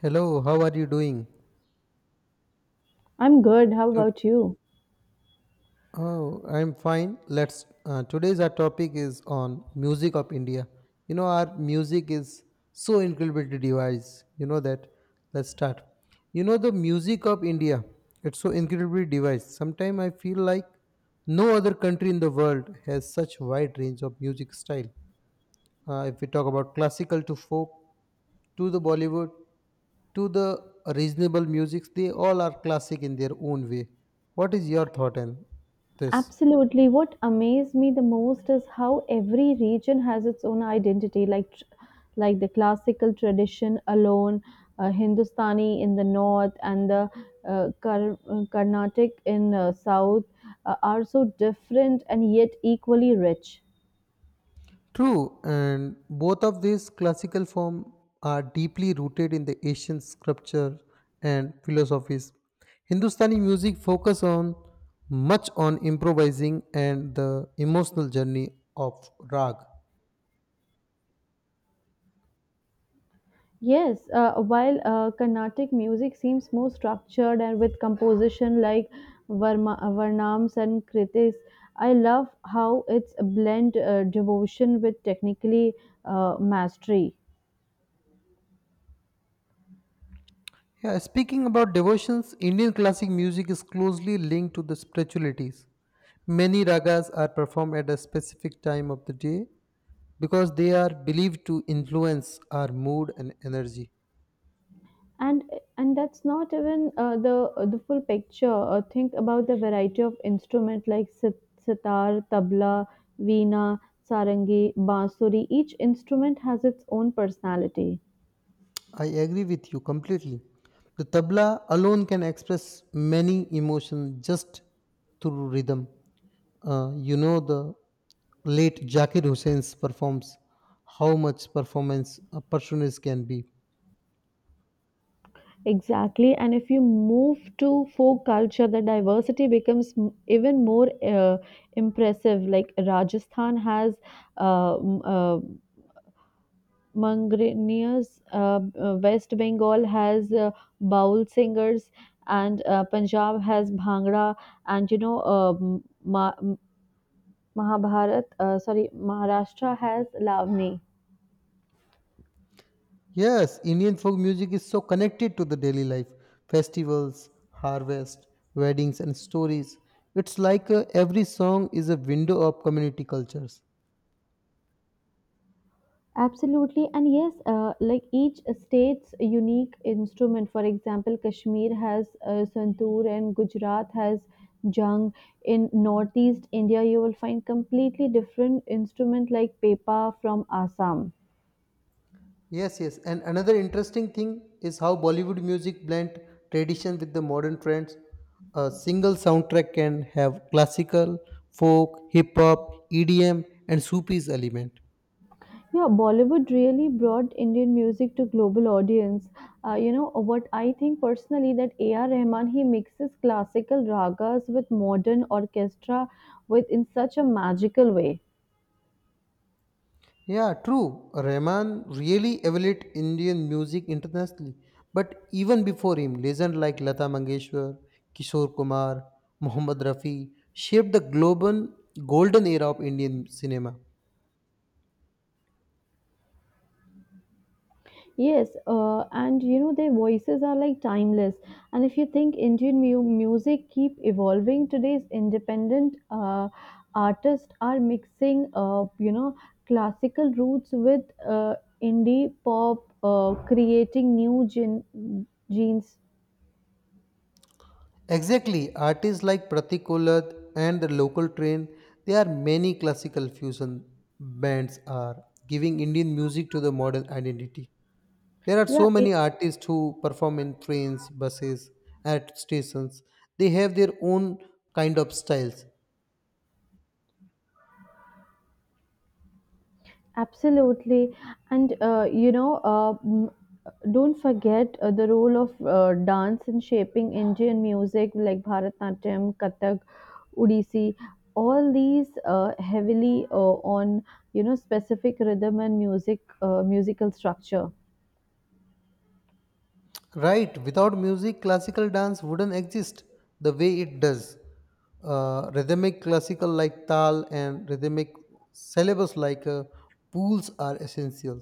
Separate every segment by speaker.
Speaker 1: Hello, how are you doing?
Speaker 2: I'm good. How
Speaker 1: To-
Speaker 2: about you?
Speaker 1: Oh, I'm fine. Let's. Today's our topic is on music of India. Our music is so incredibly diverse. You know that. Let's start. You know the music of India. It's so incredibly diverse. Sometimes I feel like no other country in the world has such wide range of music style. If we talk about classical to folk, to the Bollywood, to the reasonable musics, they all are classic in their own way. What is your thought on this?
Speaker 2: Absolutely. What amazed me the most is how every region has its own identity, like the classical tradition alone, Hindustani in the north, and the Carnatic in south are so different and yet equally rich.
Speaker 1: True, and both of these classical forms are deeply rooted in the Asian sculpture and philosophies. Hindustani music focus on much on improvising and the emotional journey of rag.
Speaker 2: Yes, while Carnatic music seems more structured and with composition like Varma, Varnams and Kritis. I love how it's a blend devotion with technically mastery.
Speaker 1: Yeah, speaking about devotions, Indian classic music is closely linked to the spiritualities. Many ragas are performed at a specific time of the day because they are believed to influence our mood and energy.
Speaker 2: And and that's not even the full picture. Think about the variety of instrument like sitar, tabla, veena, sarangi, bansuri. Each instrument has its own personality.
Speaker 1: I agree with you completely. The tabla alone can express many emotions just through rhythm. The late Jakir Hussein's performs how much performance a percussionist can be.
Speaker 2: Exactly. And if you move to folk culture, the diversity becomes even more impressive. Like Rajasthan has uh, m- uh, Mangranias, West Bengal has Baul singers, and Punjab has Bhangra, and Ma- Mahabharat, sorry, Maharashtra has Lavni.
Speaker 1: Yes, Indian folk music is so connected to the daily life, festivals, harvest, weddings, and stories. It's like every song is a window of community cultures.
Speaker 2: Absolutely, and yes, like each state's unique instrument. For example, Kashmir has santoor and Gujarat has jhang. In northeast India, you will find completely different instrument like pepa from Assam.
Speaker 1: Yes, yes, and another interesting thing is how Bollywood music blend tradition with the modern trends. A single soundtrack can have classical, folk, hip hop, EDM, and Sufi's element.
Speaker 2: Yeah, Bollywood really brought Indian music to global audience. You know what I think personally that A.R. Rahman, he mixes classical ragas with modern orchestra with in such a magical way.
Speaker 1: Yeah, true. Rahman really elevated Indian music internationally. But even before him, legends like Lata Mangeshwar, Kishore Kumar, Mohammad Rafi shaped the global golden era of Indian cinema.
Speaker 2: Yes, and you know their voices are like timeless. And if you think Indian music keep evolving, today's independent artists are mixing, classical roots with uh, indie pop, creating new genes.
Speaker 1: Exactly, artists like Pratik Kolat and the local train, there are many classical fusion bands are giving Indian music to the modern identity. There are
Speaker 2: Yeah.
Speaker 1: so many artists who perform in trains, buses, at stations. They have their own kind of styles.
Speaker 2: Absolutely. And, you know, m- Don't forget the role of dance in shaping Indian music like Bharatnatyam, Kathak, Odissi. All these heavily on, you know, specific rhythm and music, musical structure.
Speaker 1: Right, without music, classical dance wouldn't exist the way it does. Rhythmic classical like tal and rhythmic syllables like pools are essential.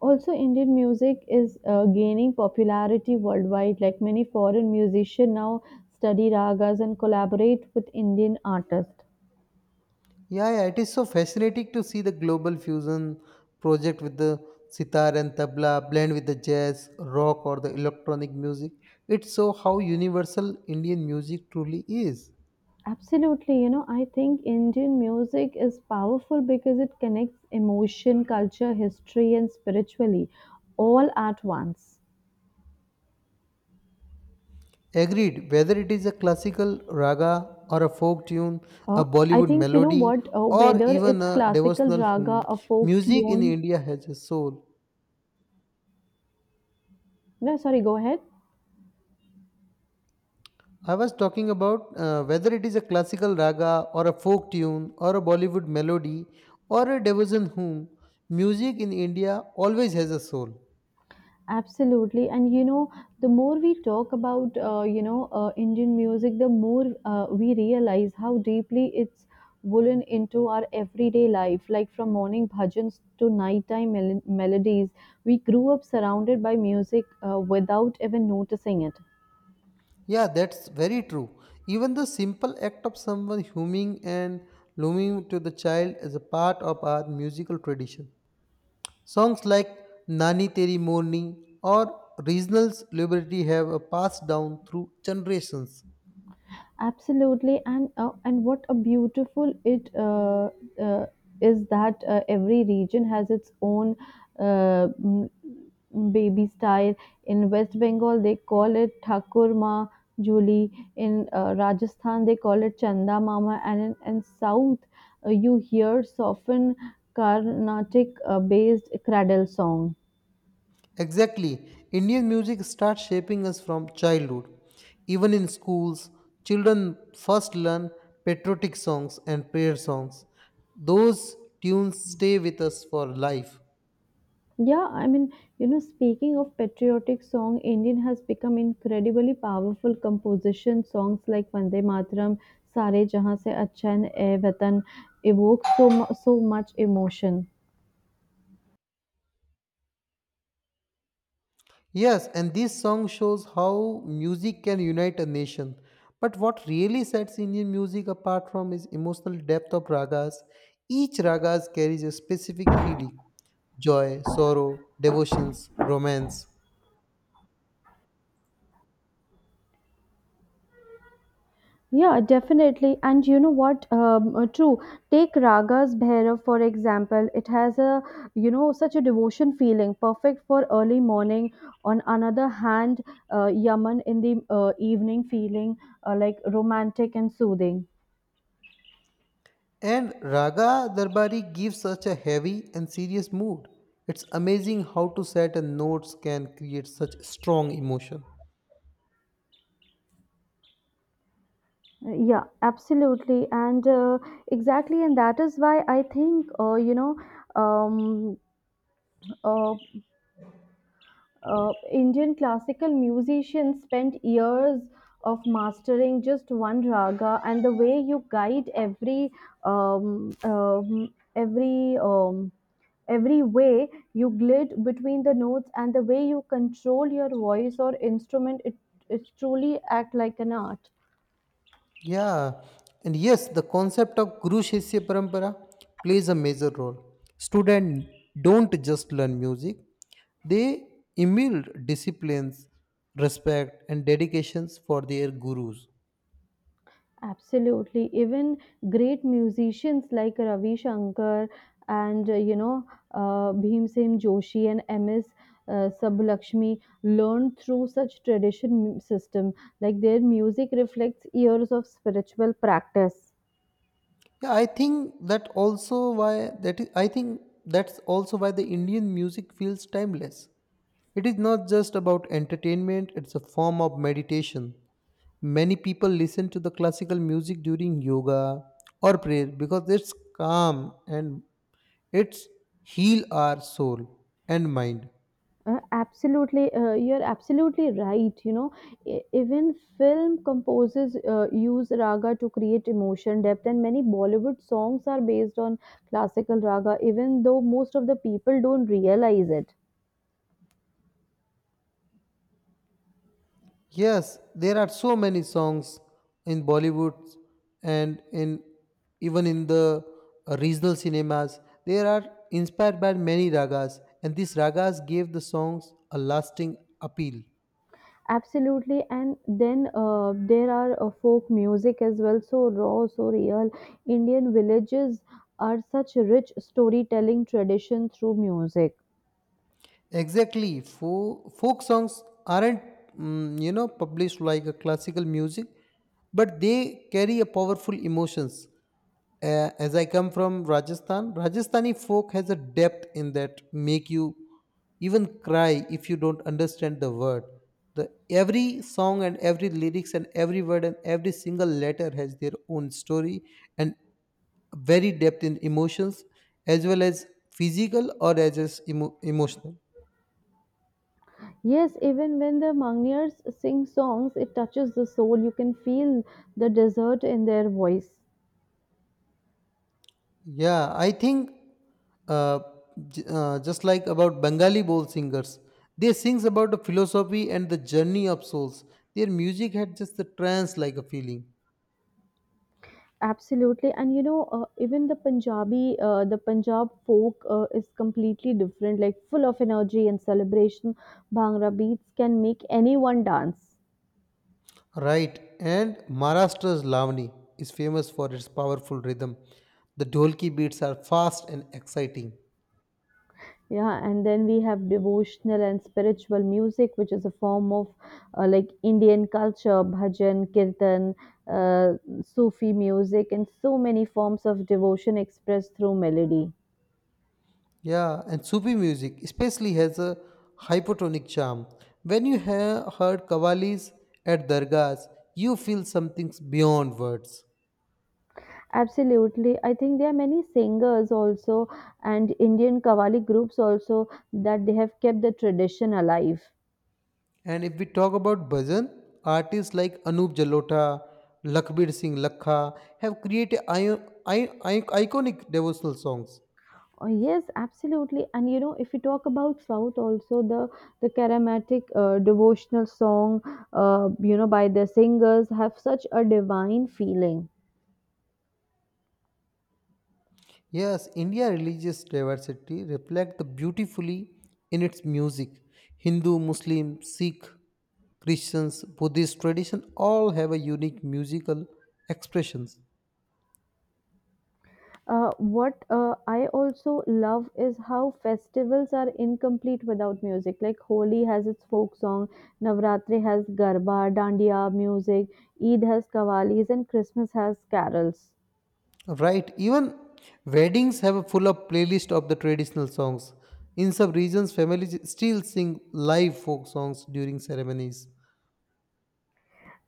Speaker 2: Also, Indian music is gaining popularity worldwide. Like many foreign musicians now study ragas and collaborate with Indian artists.
Speaker 1: Yeah, yeah, it is so fascinating to see the global fusion project with the sitar and tabla blend with the jazz, rock, or the electronic music. It's so how universal Indian music truly is.
Speaker 2: Absolutely, you know, I think Indian music is powerful because it connects emotion, culture, history, and spiritually all at once.
Speaker 1: Agreed, whether it is a classical raga or a folk tune, a
Speaker 2: Uh, I
Speaker 1: Bollywood
Speaker 2: think,
Speaker 1: melody, or
Speaker 2: whether
Speaker 1: even
Speaker 2: it's
Speaker 1: a
Speaker 2: classical
Speaker 1: devotional
Speaker 2: raga,
Speaker 1: hymn,
Speaker 2: a folk
Speaker 1: music in
Speaker 2: tune,
Speaker 1: India has a soul.
Speaker 2: no, sorry, go ahead.
Speaker 1: I was talking about whether it is a classical raga or a folk tune or a Bollywood melody or a devotion hymn. Music in India always has a soul.
Speaker 2: Absolutely. And you know, the more we talk about, Indian music, the more we realize how deeply it's woven into our everyday life. Like from morning bhajans to nighttime melodies, we grew up surrounded by music without even noticing it.
Speaker 1: Yeah, that's very true. Even the simple act of someone humming and looming to the child is a part of our musical tradition. Songs like Nani Teri Morni or regional Liberty have a passed down through generations.
Speaker 2: Absolutely, and what a beautiful it uh, is that every region has its own uh, m- baby style. In West Bengal, they call it Thakurma Juli. In Rajasthan, they call it Chanda Mama, and in South, you hear soften Carnatic based cradle songs.
Speaker 1: Exactly. Indian music starts shaping us from childhood. Even in schools, children first learn patriotic songs and prayer songs. Those tunes stay with us for life.
Speaker 2: Yeah, I mean, speaking of patriotic song, Indian has become incredibly powerful composition. Songs like Vande Mataram, Sare Jahan Se Acha and Ae Vatan evoke so much emotion.
Speaker 1: Yes, and this song shows how music can unite a nation. But what really sets Indian music apart from is emotional depth of ragas. Each ragas carries a specific feeling joy, sorrow, devotions, romance.
Speaker 2: Yeah, definitely. And you know what? True. Take Ragas Bhairav for example. It has a, you know, such a devotion feeling, perfect for early morning. On another hand, Yaman in the evening feeling like romantic and soothing.
Speaker 1: And Raga Darbari gives such a heavy and serious mood. It's amazing how two certain notes can create such strong emotion.
Speaker 2: Yeah, absolutely. And that is why I think, um, uh, Indian classical musicians spent years of mastering just one raga, and the way you guide um, um, every, um, every way you glide between the notes and the way you control your voice or instrument, it truly act like an art.
Speaker 1: Yeah, and yes, the concept of Guru Shishya Parampara plays a major role. Students don't just learn music, they emulate disciplines, respect, and dedications for their gurus.
Speaker 2: Absolutely. Even great musicians like Ravi Shankar and Bhimsen Joshi and MS Subbulakshmi learned through such tradition system. Like their music reflects years of spiritual practice.
Speaker 1: Yeah, I think that also why that is, I think that's also why the Indian music feels timeless. It is not just about entertainment, it's a form of meditation. Many people listen to the classical music during yoga or prayer because it's calm and it's heal our soul and mind.
Speaker 2: You're absolutely right. You know, even film composers use raga to create emotion depth, and many Bollywood songs are based on classical raga, even though most of the people don't realize it.
Speaker 1: Yes, there are so many songs in Bollywood and in even in the regional cinemas. They are inspired by many ragas, and these ragas gave the songs a lasting appeal.
Speaker 2: Absolutely, and then there are folk music as well, so raw, so real. Indian villages are such rich storytelling tradition through music.
Speaker 1: Exactly. Folk songs aren't, published like a classical music, but they carry a powerful emotions. As I come from Rajasthan, Rajasthani folk has a depth in that make you even cry if you don't understand the word. The every song and every lyrics and every word and every single letter has their own story and very depth in emotions as well as physical or as emotional.
Speaker 2: Yes, even when the mountaineers sing songs, it touches the soul. You can feel the desert in their voice.
Speaker 1: Yeah, I think uh, just like about Bengali bowl singers, they sings about the philosophy and the journey of souls. Their music had just the trance-like a feeling.
Speaker 2: Absolutely, and you know, even the Punjabi, the Punjab folk is completely different, like full of energy and celebration. Bhangra beats can make anyone dance.
Speaker 1: Right, and Maharashtra's Lavani is famous for its powerful rhythm. The dholki beats are fast and exciting.
Speaker 2: Yeah, and then we have devotional and spiritual music, which is a form of like Indian culture, bhajan, kirtan, uh, Sufi music, and so many forms of devotion expressed through melody.
Speaker 1: Yeah, and Sufi music especially has a hypotonic charm. When you have heard kavalis at dargahs, you feel something beyond words.
Speaker 2: Absolutely. I think there are many singers also and Indian Qawwali groups also that they have kept the tradition alive.
Speaker 1: And if we talk about bhajan, artists like Anup Jalota, Lakbir Singh Lakha have created iconic devotional songs.
Speaker 2: Oh, yes, absolutely. And you know, if you talk about South, also the charismatic devotional song, you know, by the singers have such a divine feeling.
Speaker 1: Yes, India religious diversity reflects beautifully in its music. Hindu, Muslim, Sikh, Christians, Buddhist tradition all have a unique musical expressions.
Speaker 2: What I also love is how festivals are incomplete without music. Like Holi has its folk song, Navratri has garba, dandiya music, Eid has kavalis, and Christmas has carols.
Speaker 1: Right, even weddings have a full up playlist of the traditional songs. In some regions, families still sing live folk songs during ceremonies.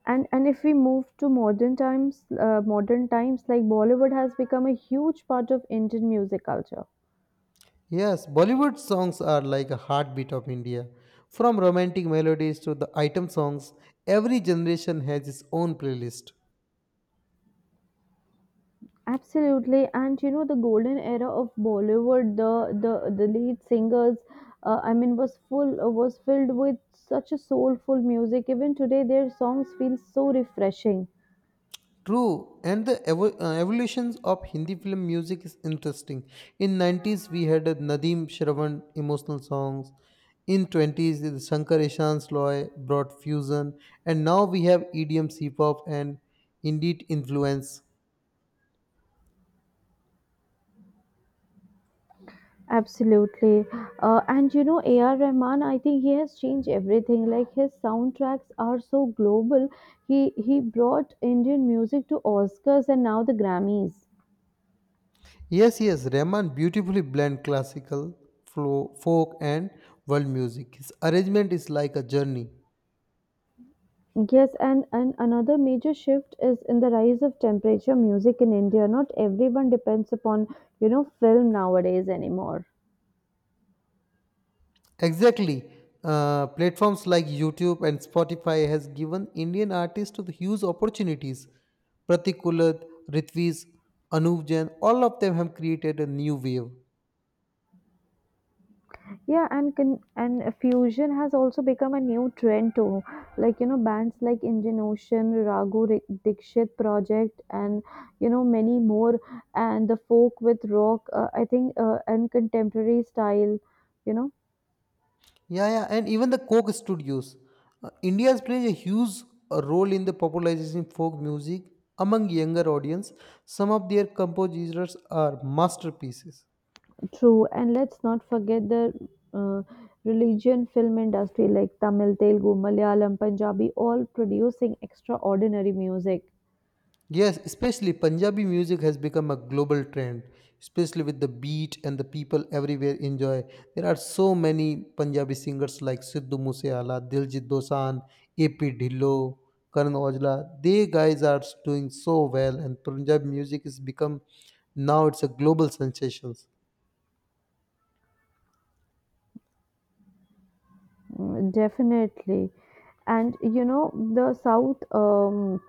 Speaker 2: And if we move to modern times, like Bollywood has become a huge part of Indian music culture.
Speaker 1: Yes, Bollywood songs are like a heartbeat of India. From romantic melodies to the item songs, every generation has its own playlist.
Speaker 2: Absolutely. And you know, the golden era of Bollywood, the lead singers, was filled with such a soulful music. Even today their songs feel so refreshing.
Speaker 1: True, and the evolutions of Hindi film music is interesting. In 90s, we had a Nadeem Shravan emotional songs. In 20s, the Shankar Ishan's Loy brought fusion, and now we have EDM, C-pop, and indeed influence.
Speaker 2: Absolutely. And you know, A.R. Rahman, I think he has changed everything. Like his soundtracks are so global. He brought Indian music to Oscars and now the Grammys.
Speaker 1: Yes, yes, Rahman beautifully blend classical, flow, folk, and world music. His arrangement is like a journey.
Speaker 2: Yes, and another major shift is in the rise of temperature music in India. Not everyone depends upon, you know, film nowadays anymore.
Speaker 1: Exactly. Platforms like YouTube and Spotify has given Indian artists the huge opportunities. Pratik Kulat, Ritviz, Anuv Jain, all of them have created a new wave.
Speaker 2: Yeah, and fusion has also become a new trend too. Like you know, bands like Indian Ocean, Dikshit Project, and you know many more, and the folk with rock. I think and contemporary style. You know,
Speaker 1: Yeah, yeah, and even the Coke Studios. India has played a huge role in the popularizing folk music among younger audience. Some of their composers are masterpieces.
Speaker 2: true. And let's not forget the uh, religion film industry like Tamil, Telugu, Malayalam, Punjabi, all producing extraordinary music.
Speaker 1: Yes, especially Punjabi music has become a global trend, especially with the beat and the people everywhere enjoy. There are so many Punjabi singers like Sidhu Moosewala, Diljit Dosanjh, AP Dhillo, Karan Aujla. They guys are doing so well, and Punjabi music has become now it's a global sensation.
Speaker 2: Mm, definitely. And you know the south um,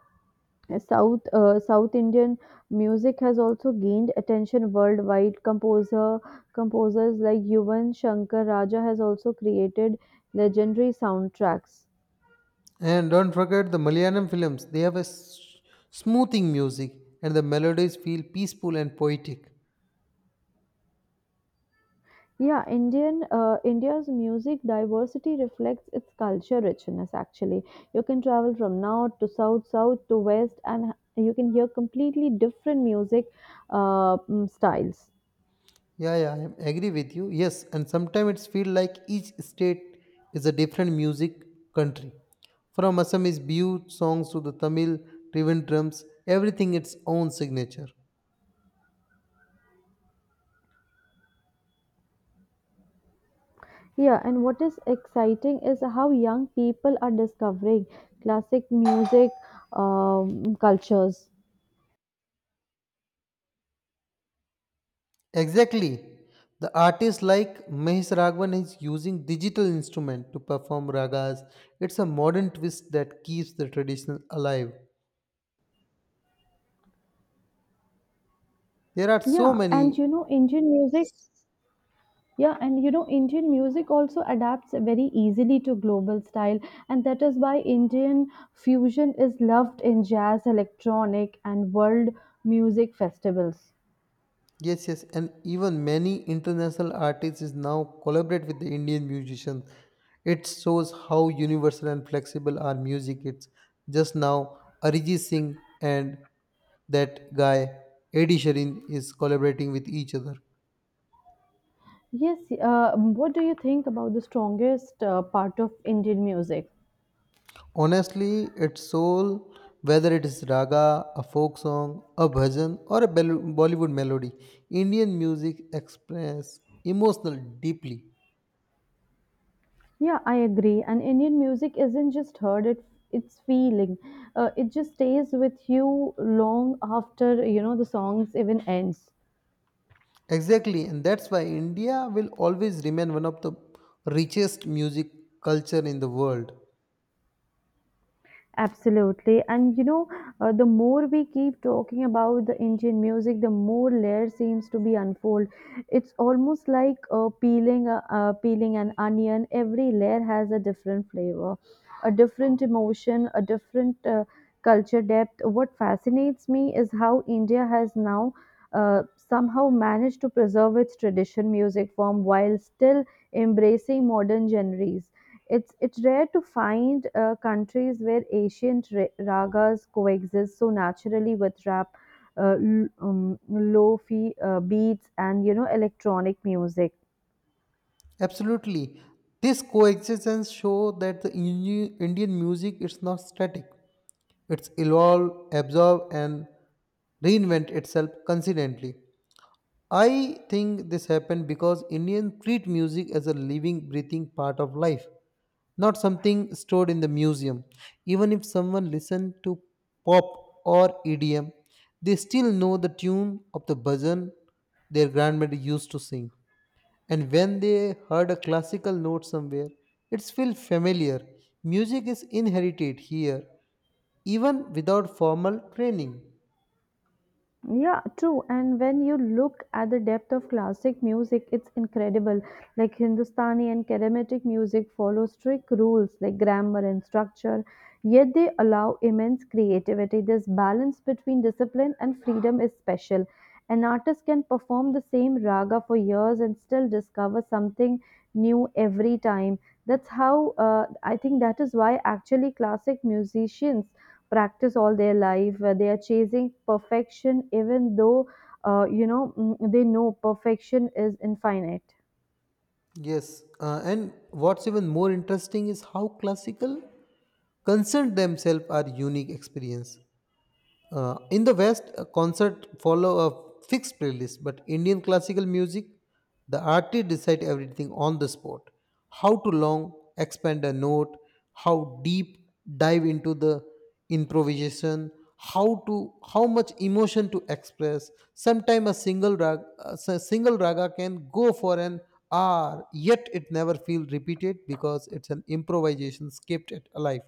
Speaker 2: South uh, South Indian music has also gained attention worldwide. Composers like Yuvan Shankar Raja has also created legendary soundtracks.
Speaker 1: And don't forget the Malayalam films. They have a smoothing music, and the melodies feel peaceful and poetic.
Speaker 2: Yeah, Indian India's music diversity reflects its culture richness. Actually, you can travel from north to south, south to west, and you can hear completely different music styles.
Speaker 1: Yeah, yeah, I agree with you. Yes, and sometimes it's feel like each state is a different music country. From Assamese Bihu songs to the Tamil Trivandrums, everything its own signature.
Speaker 2: Yeah, and what is exciting is how young people are discovering classic music cultures.
Speaker 1: Exactly. The artist like Mahesh Raghavan is using digital instrument to perform ragas. It's a modern twist that keeps the traditional alive. There are so
Speaker 2: Yeah, and
Speaker 1: many.
Speaker 2: you know, Indian music, yeah, and you know, Indian music also adapts very easily to global style, and that is why Indian fusion is loved in jazz, electronic, and world music festivals.
Speaker 1: Yes, yes, and even many international artists is now collaborate with the Indian musicians. It shows how universal and flexible our music is. Just now, Arijit Singh and that guy Eddie Sheeran is collaborating with each other.
Speaker 2: Yes, what do you think about the strongest part of Indian music?
Speaker 1: Honestly, its soul, whether it is raga, a folk song, a bhajan, or a Bollywood melody, Indian music express emotional deeply.
Speaker 2: Yeah, I agree. And Indian music isn't just heard; it's feeling. It just stays with you long after you know the songs even ends.
Speaker 1: Exactly, and that's why India will always remain one of the richest music culture in the world.
Speaker 2: Absolutely. And you know, the more we keep talking about the Indian music, the more layers seems to be unfold. It's almost like peeling an onion. Every layer has a different flavor, a different emotion, a different culture depth. What fascinates me is how India has now somehow managed to preserve its tradition music form while still embracing modern genres. It's rare to find countries where ancient ragas coexist so naturally with rap, lofi beats, and you know electronic music.
Speaker 1: Absolutely. This coexistence show that the Indian music is not static. It's evolve, absorb and reinvent itself constantly. I think this happened because Indians treat music as a living, breathing part of life, not something stored in the museum. Even if someone listened to pop or EDM, they still know the tune of the bhajan their grandmother used to sing. And when they heard a classical note somewhere, it feels familiar. Music is inherited here, even without formal training.
Speaker 2: Yeah, true. And when you look at the depth of classic music, it's incredible. Like Hindustani and Carnatic music follow strict rules like grammar and structure, yet they allow immense creativity. This balance between discipline and freedom is special. An artist can perform the same raga for years and still discover something new every time. That's how I think that is why actually classic musicians practice all their life where they are chasing perfection even though they know perfection is infinite.
Speaker 1: Yes, and what's even more interesting is how classical concerned themselves are unique experience. In the West, a concert follow a fixed playlist, but Indian classical music, the artist decide everything on the spot. How to long expand a note, how deep dive into the improvisation, how much emotion to express. Sometimes a single rag, a single raga can go for an hour, yet it never feel repeated because it's an improvisation kept it alive.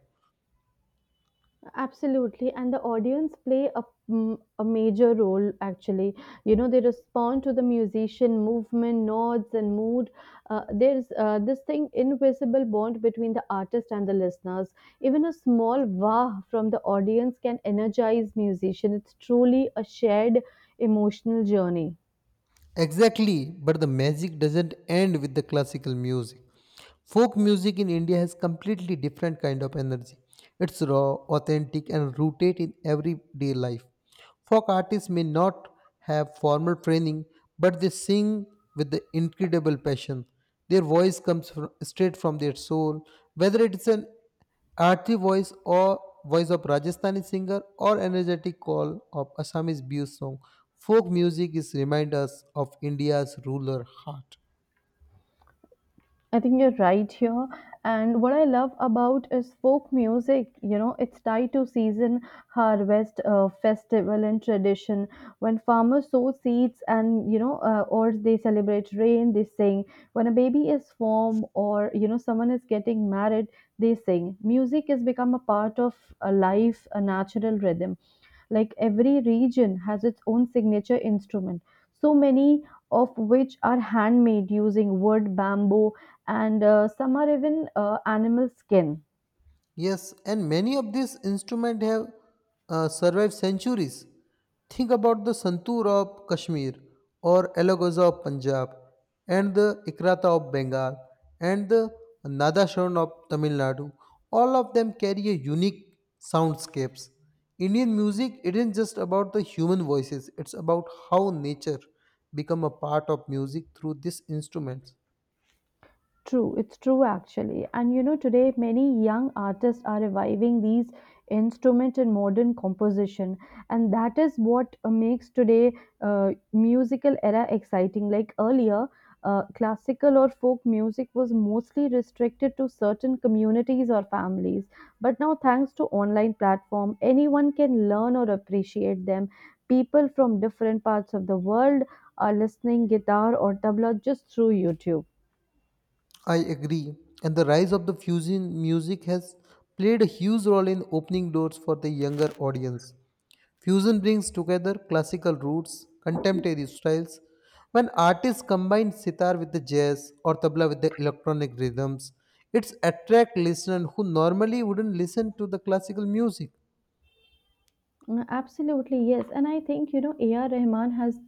Speaker 2: Absolutely, and the audience play a, a major role actually. You know, they respond to the musician movement, nods, and mood. There's this thing invisible bond between the artist and the listeners. Even a small wah from the audience can energize musician. It's truly a shared emotional journey.
Speaker 1: Exactly, but the magic doesn't end with the classical music. Folk music in India has completely different kind of energy. It's raw, authentic and rooted in everyday life. Folk artists may not have formal training, but they sing with the incredible passion. Their voice comes straight from their soul, whether it is an Aarti voice or voice of Rajasthani singer or energetic call of Assamese blues song. Folk music is reminders of India's ruler heart.
Speaker 2: I think you're right here. And what I love about is folk music. You know, it's tied to season, harvest, festival, and tradition. When farmers sow seeds and, or they celebrate rain, they sing. When a baby is formed or, you know, someone is getting married, they sing. Music has become a part of a life, a natural rhythm. Like every region has its own signature instrument, so many of which are handmade using wood, bamboo, and some are even animal skin.
Speaker 1: Yes, and many of these instruments have survived centuries. Think about the santoor of Kashmir or alagaza of Punjab and the ikrata of Bengal and the nadaswaran of Tamil Nadu. All of them carry a unique soundscapes. Indian music isn't just about the human voices, it's about how nature become a part of music through these instruments.
Speaker 2: True, it's true actually. And you know, today many young artists are reviving these instruments in modern composition, and that is what makes today musical era exciting. Like earlier, classical or folk music was mostly restricted to certain communities or families, but now thanks to online platform, anyone can learn or appreciate them. People from different parts of the world are listening guitar or tabla just through YouTube.
Speaker 1: I agree. And the rise of the fusion music has played a huge role in opening doors for the younger audience. Fusion brings together classical roots, contemporary styles. When artists combine sitar with the jazz or tabla with the electronic rhythms, it's attract listeners who normally wouldn't listen to the classical music.
Speaker 2: Mm, absolutely, yes. And I think, you know, A.R. Rahman has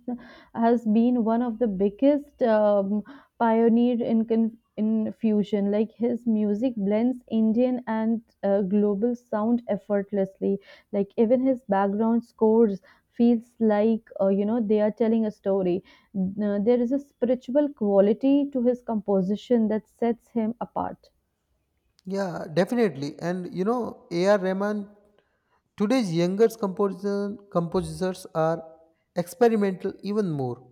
Speaker 2: has been one of the biggest pioneer in fusion. Like his music blends Indian and global sound effortlessly. Like even his background scores feels like you know they are telling a story. There is a spiritual quality to his composition that sets him apart.
Speaker 1: Yeah, definitely. And A.R. Rahman, today's younger composers are experimental even more.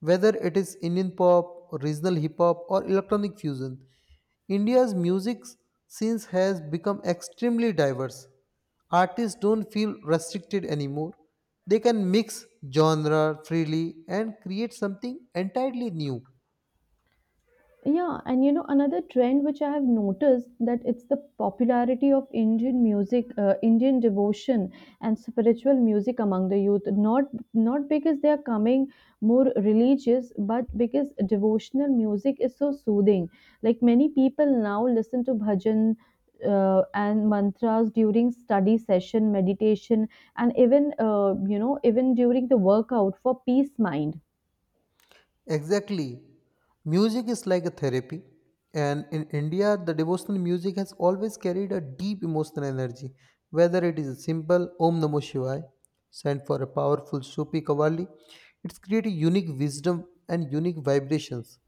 Speaker 1: Whether it is Indian pop, regional hip hop, or electronic fusion, India's music scenes has become extremely diverse. Artists don't feel restricted anymore. They can mix genre freely and create something entirely new.
Speaker 2: Yeah, and you know another trend which I have noticed that it's the popularity of Indian music, Indian devotion and spiritual music among the youth. Not because they are coming more religious, but because devotional music is so soothing. Like many people now listen to bhajan. And mantras during study session meditation and even you know even during the workout for peace mind.
Speaker 1: Exactly. Music is like a therapy. And in India, the devotional music has always carried a deep emotional energy, whether it is a simple Om Namo Shivaya, sent for a powerful Sufi Kavali, it's created unique wisdom and unique vibrations.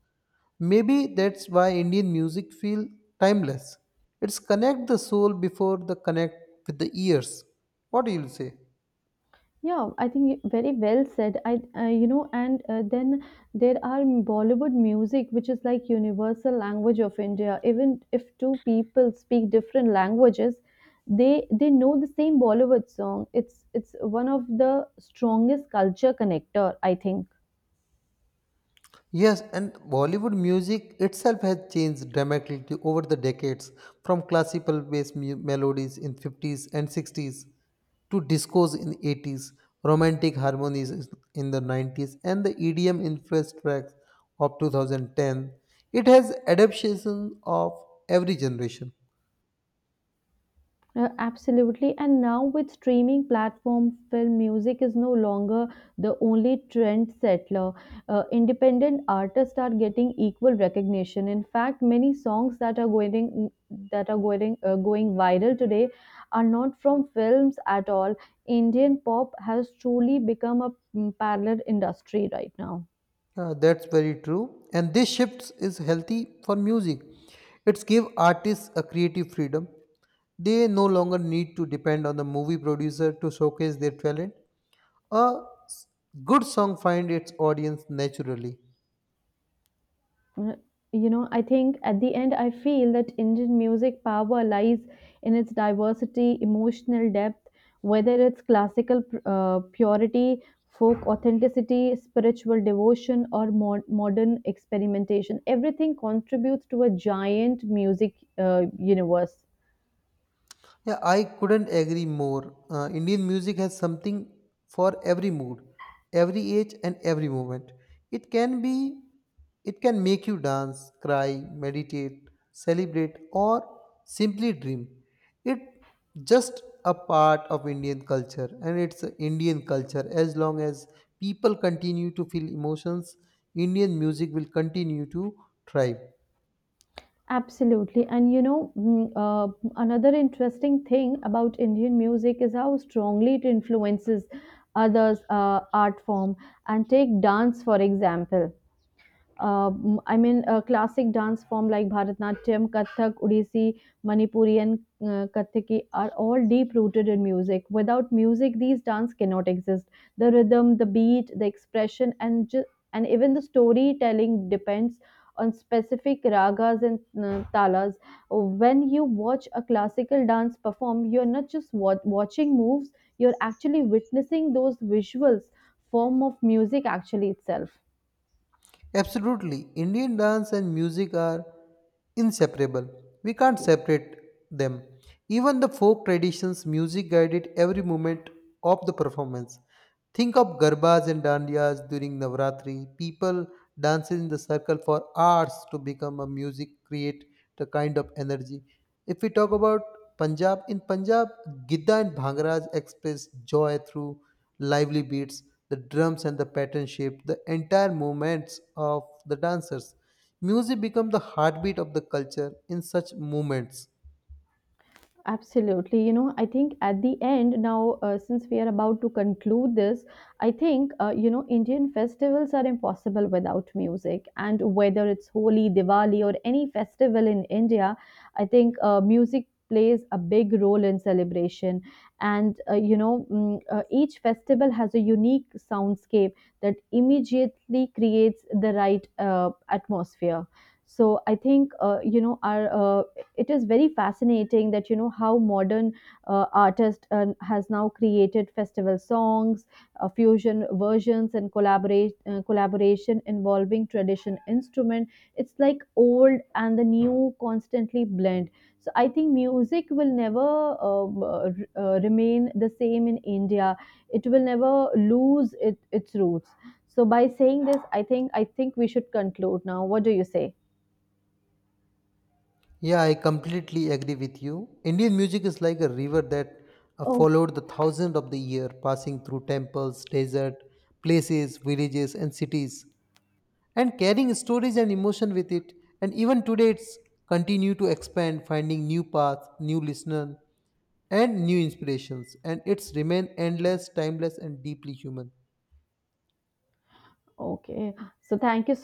Speaker 1: Maybe that's why Indian music feels timeless. It's connect the soul before the connect with the ears. What do you say?
Speaker 2: Yeah, I think very well said. You know, and then there are Bollywood music, which is like universal language of India. Even if two people speak different languages, they know the same Bollywood song. It's one of the strongest culture connector, I think.
Speaker 1: Yes, and Bollywood music itself has changed dramatically over the decades from classical based melodies in 50s and 60s to discos in 80s, romantic harmonies in the 90s and the EDM influenced tracks of 2010. It has adaptation of every generation.
Speaker 2: Absolutely. And now with streaming platforms, film music is no longer the only trend settler. Independent artists are getting equal recognition. In fact, many songs that are going that are going viral today are not from films at all. Indian pop has truly become a parallel industry right now.
Speaker 1: Yeah, that's very true. And this shifts is healthy for music. It's give artists a creative freedom. They no longer need to depend on the movie producer to showcase their talent. A s- good song finds its audience naturally.
Speaker 2: Uh, I think at the end, I feel that Indian music power lies in its diversity, emotional depth, whether it's classical purity, folk authenticity, spiritual devotion, or modern experimentation. Everything contributes to a giant music universe.
Speaker 1: Yeah, I couldn't agree more. Indian music has something for every mood, every age, and every moment. It can be, it can make you dance, cry, meditate, celebrate, or simply dream. It just a part of Indian culture, and it's a Indian culture. As long as people continue to feel emotions, Indian music will continue to thrive.
Speaker 2: Absolutely. And you know, another interesting thing about Indian music is how strongly it influences others' art form. And take dance, for example. I mean, a classic dance form like Bharatanatyam, Kathak, Odissi, Manipuri, and Kathaki are all deep rooted in music. Without music, these dance cannot exist. The rhythm, the beat, the expression, and even the storytelling depends on specific ragas and talas. When you watch a classical dance perform, you're not just watching moves; you're actually witnessing those visuals form of music actually itself.
Speaker 1: Absolutely. Indian dance and music are inseparable. We can't separate them. Even the folk traditions music guided every moment of the performance. Think of garbas and dandiyas during Navratri. People dances in the circle for hours to become a music, create the kind of energy. If we talk about Punjab, in Punjab, Gidda and Bhangaras express joy through lively beats, the drums and the pattern shape, the entire movements of the dancers. Music becomes the heartbeat of the culture in such movements.
Speaker 2: Absolutely. You know, I think at the end now, since we are about to conclude this, you know, Indian festivals are impossible without music. And whether it's Holi, Diwali, or any festival in India, I think music plays a big role in celebration. And, you know, each festival has a unique soundscape that immediately creates the right atmosphere. So I think, you know, our it is very fascinating that you know how modern artist has now created festival songs fusion versions and collaborate collaboration involving tradition instrument, it's like old and the new constantly blend. So I think music will never remain the same in India. It will never lose it, its roots. So by saying this, I think we should conclude now. What do you say?
Speaker 1: Yeah, I completely agree with you. Indian music is like a river that
Speaker 2: oh
Speaker 1: followed the thousands of the year, passing through temples, desert, places, villages, and cities, and carrying stories and emotion with it. And even today, it's continue to expand, finding new paths, new listeners, and new inspirations. And it's remain endless, timeless, and deeply human.
Speaker 2: okay. So thank you so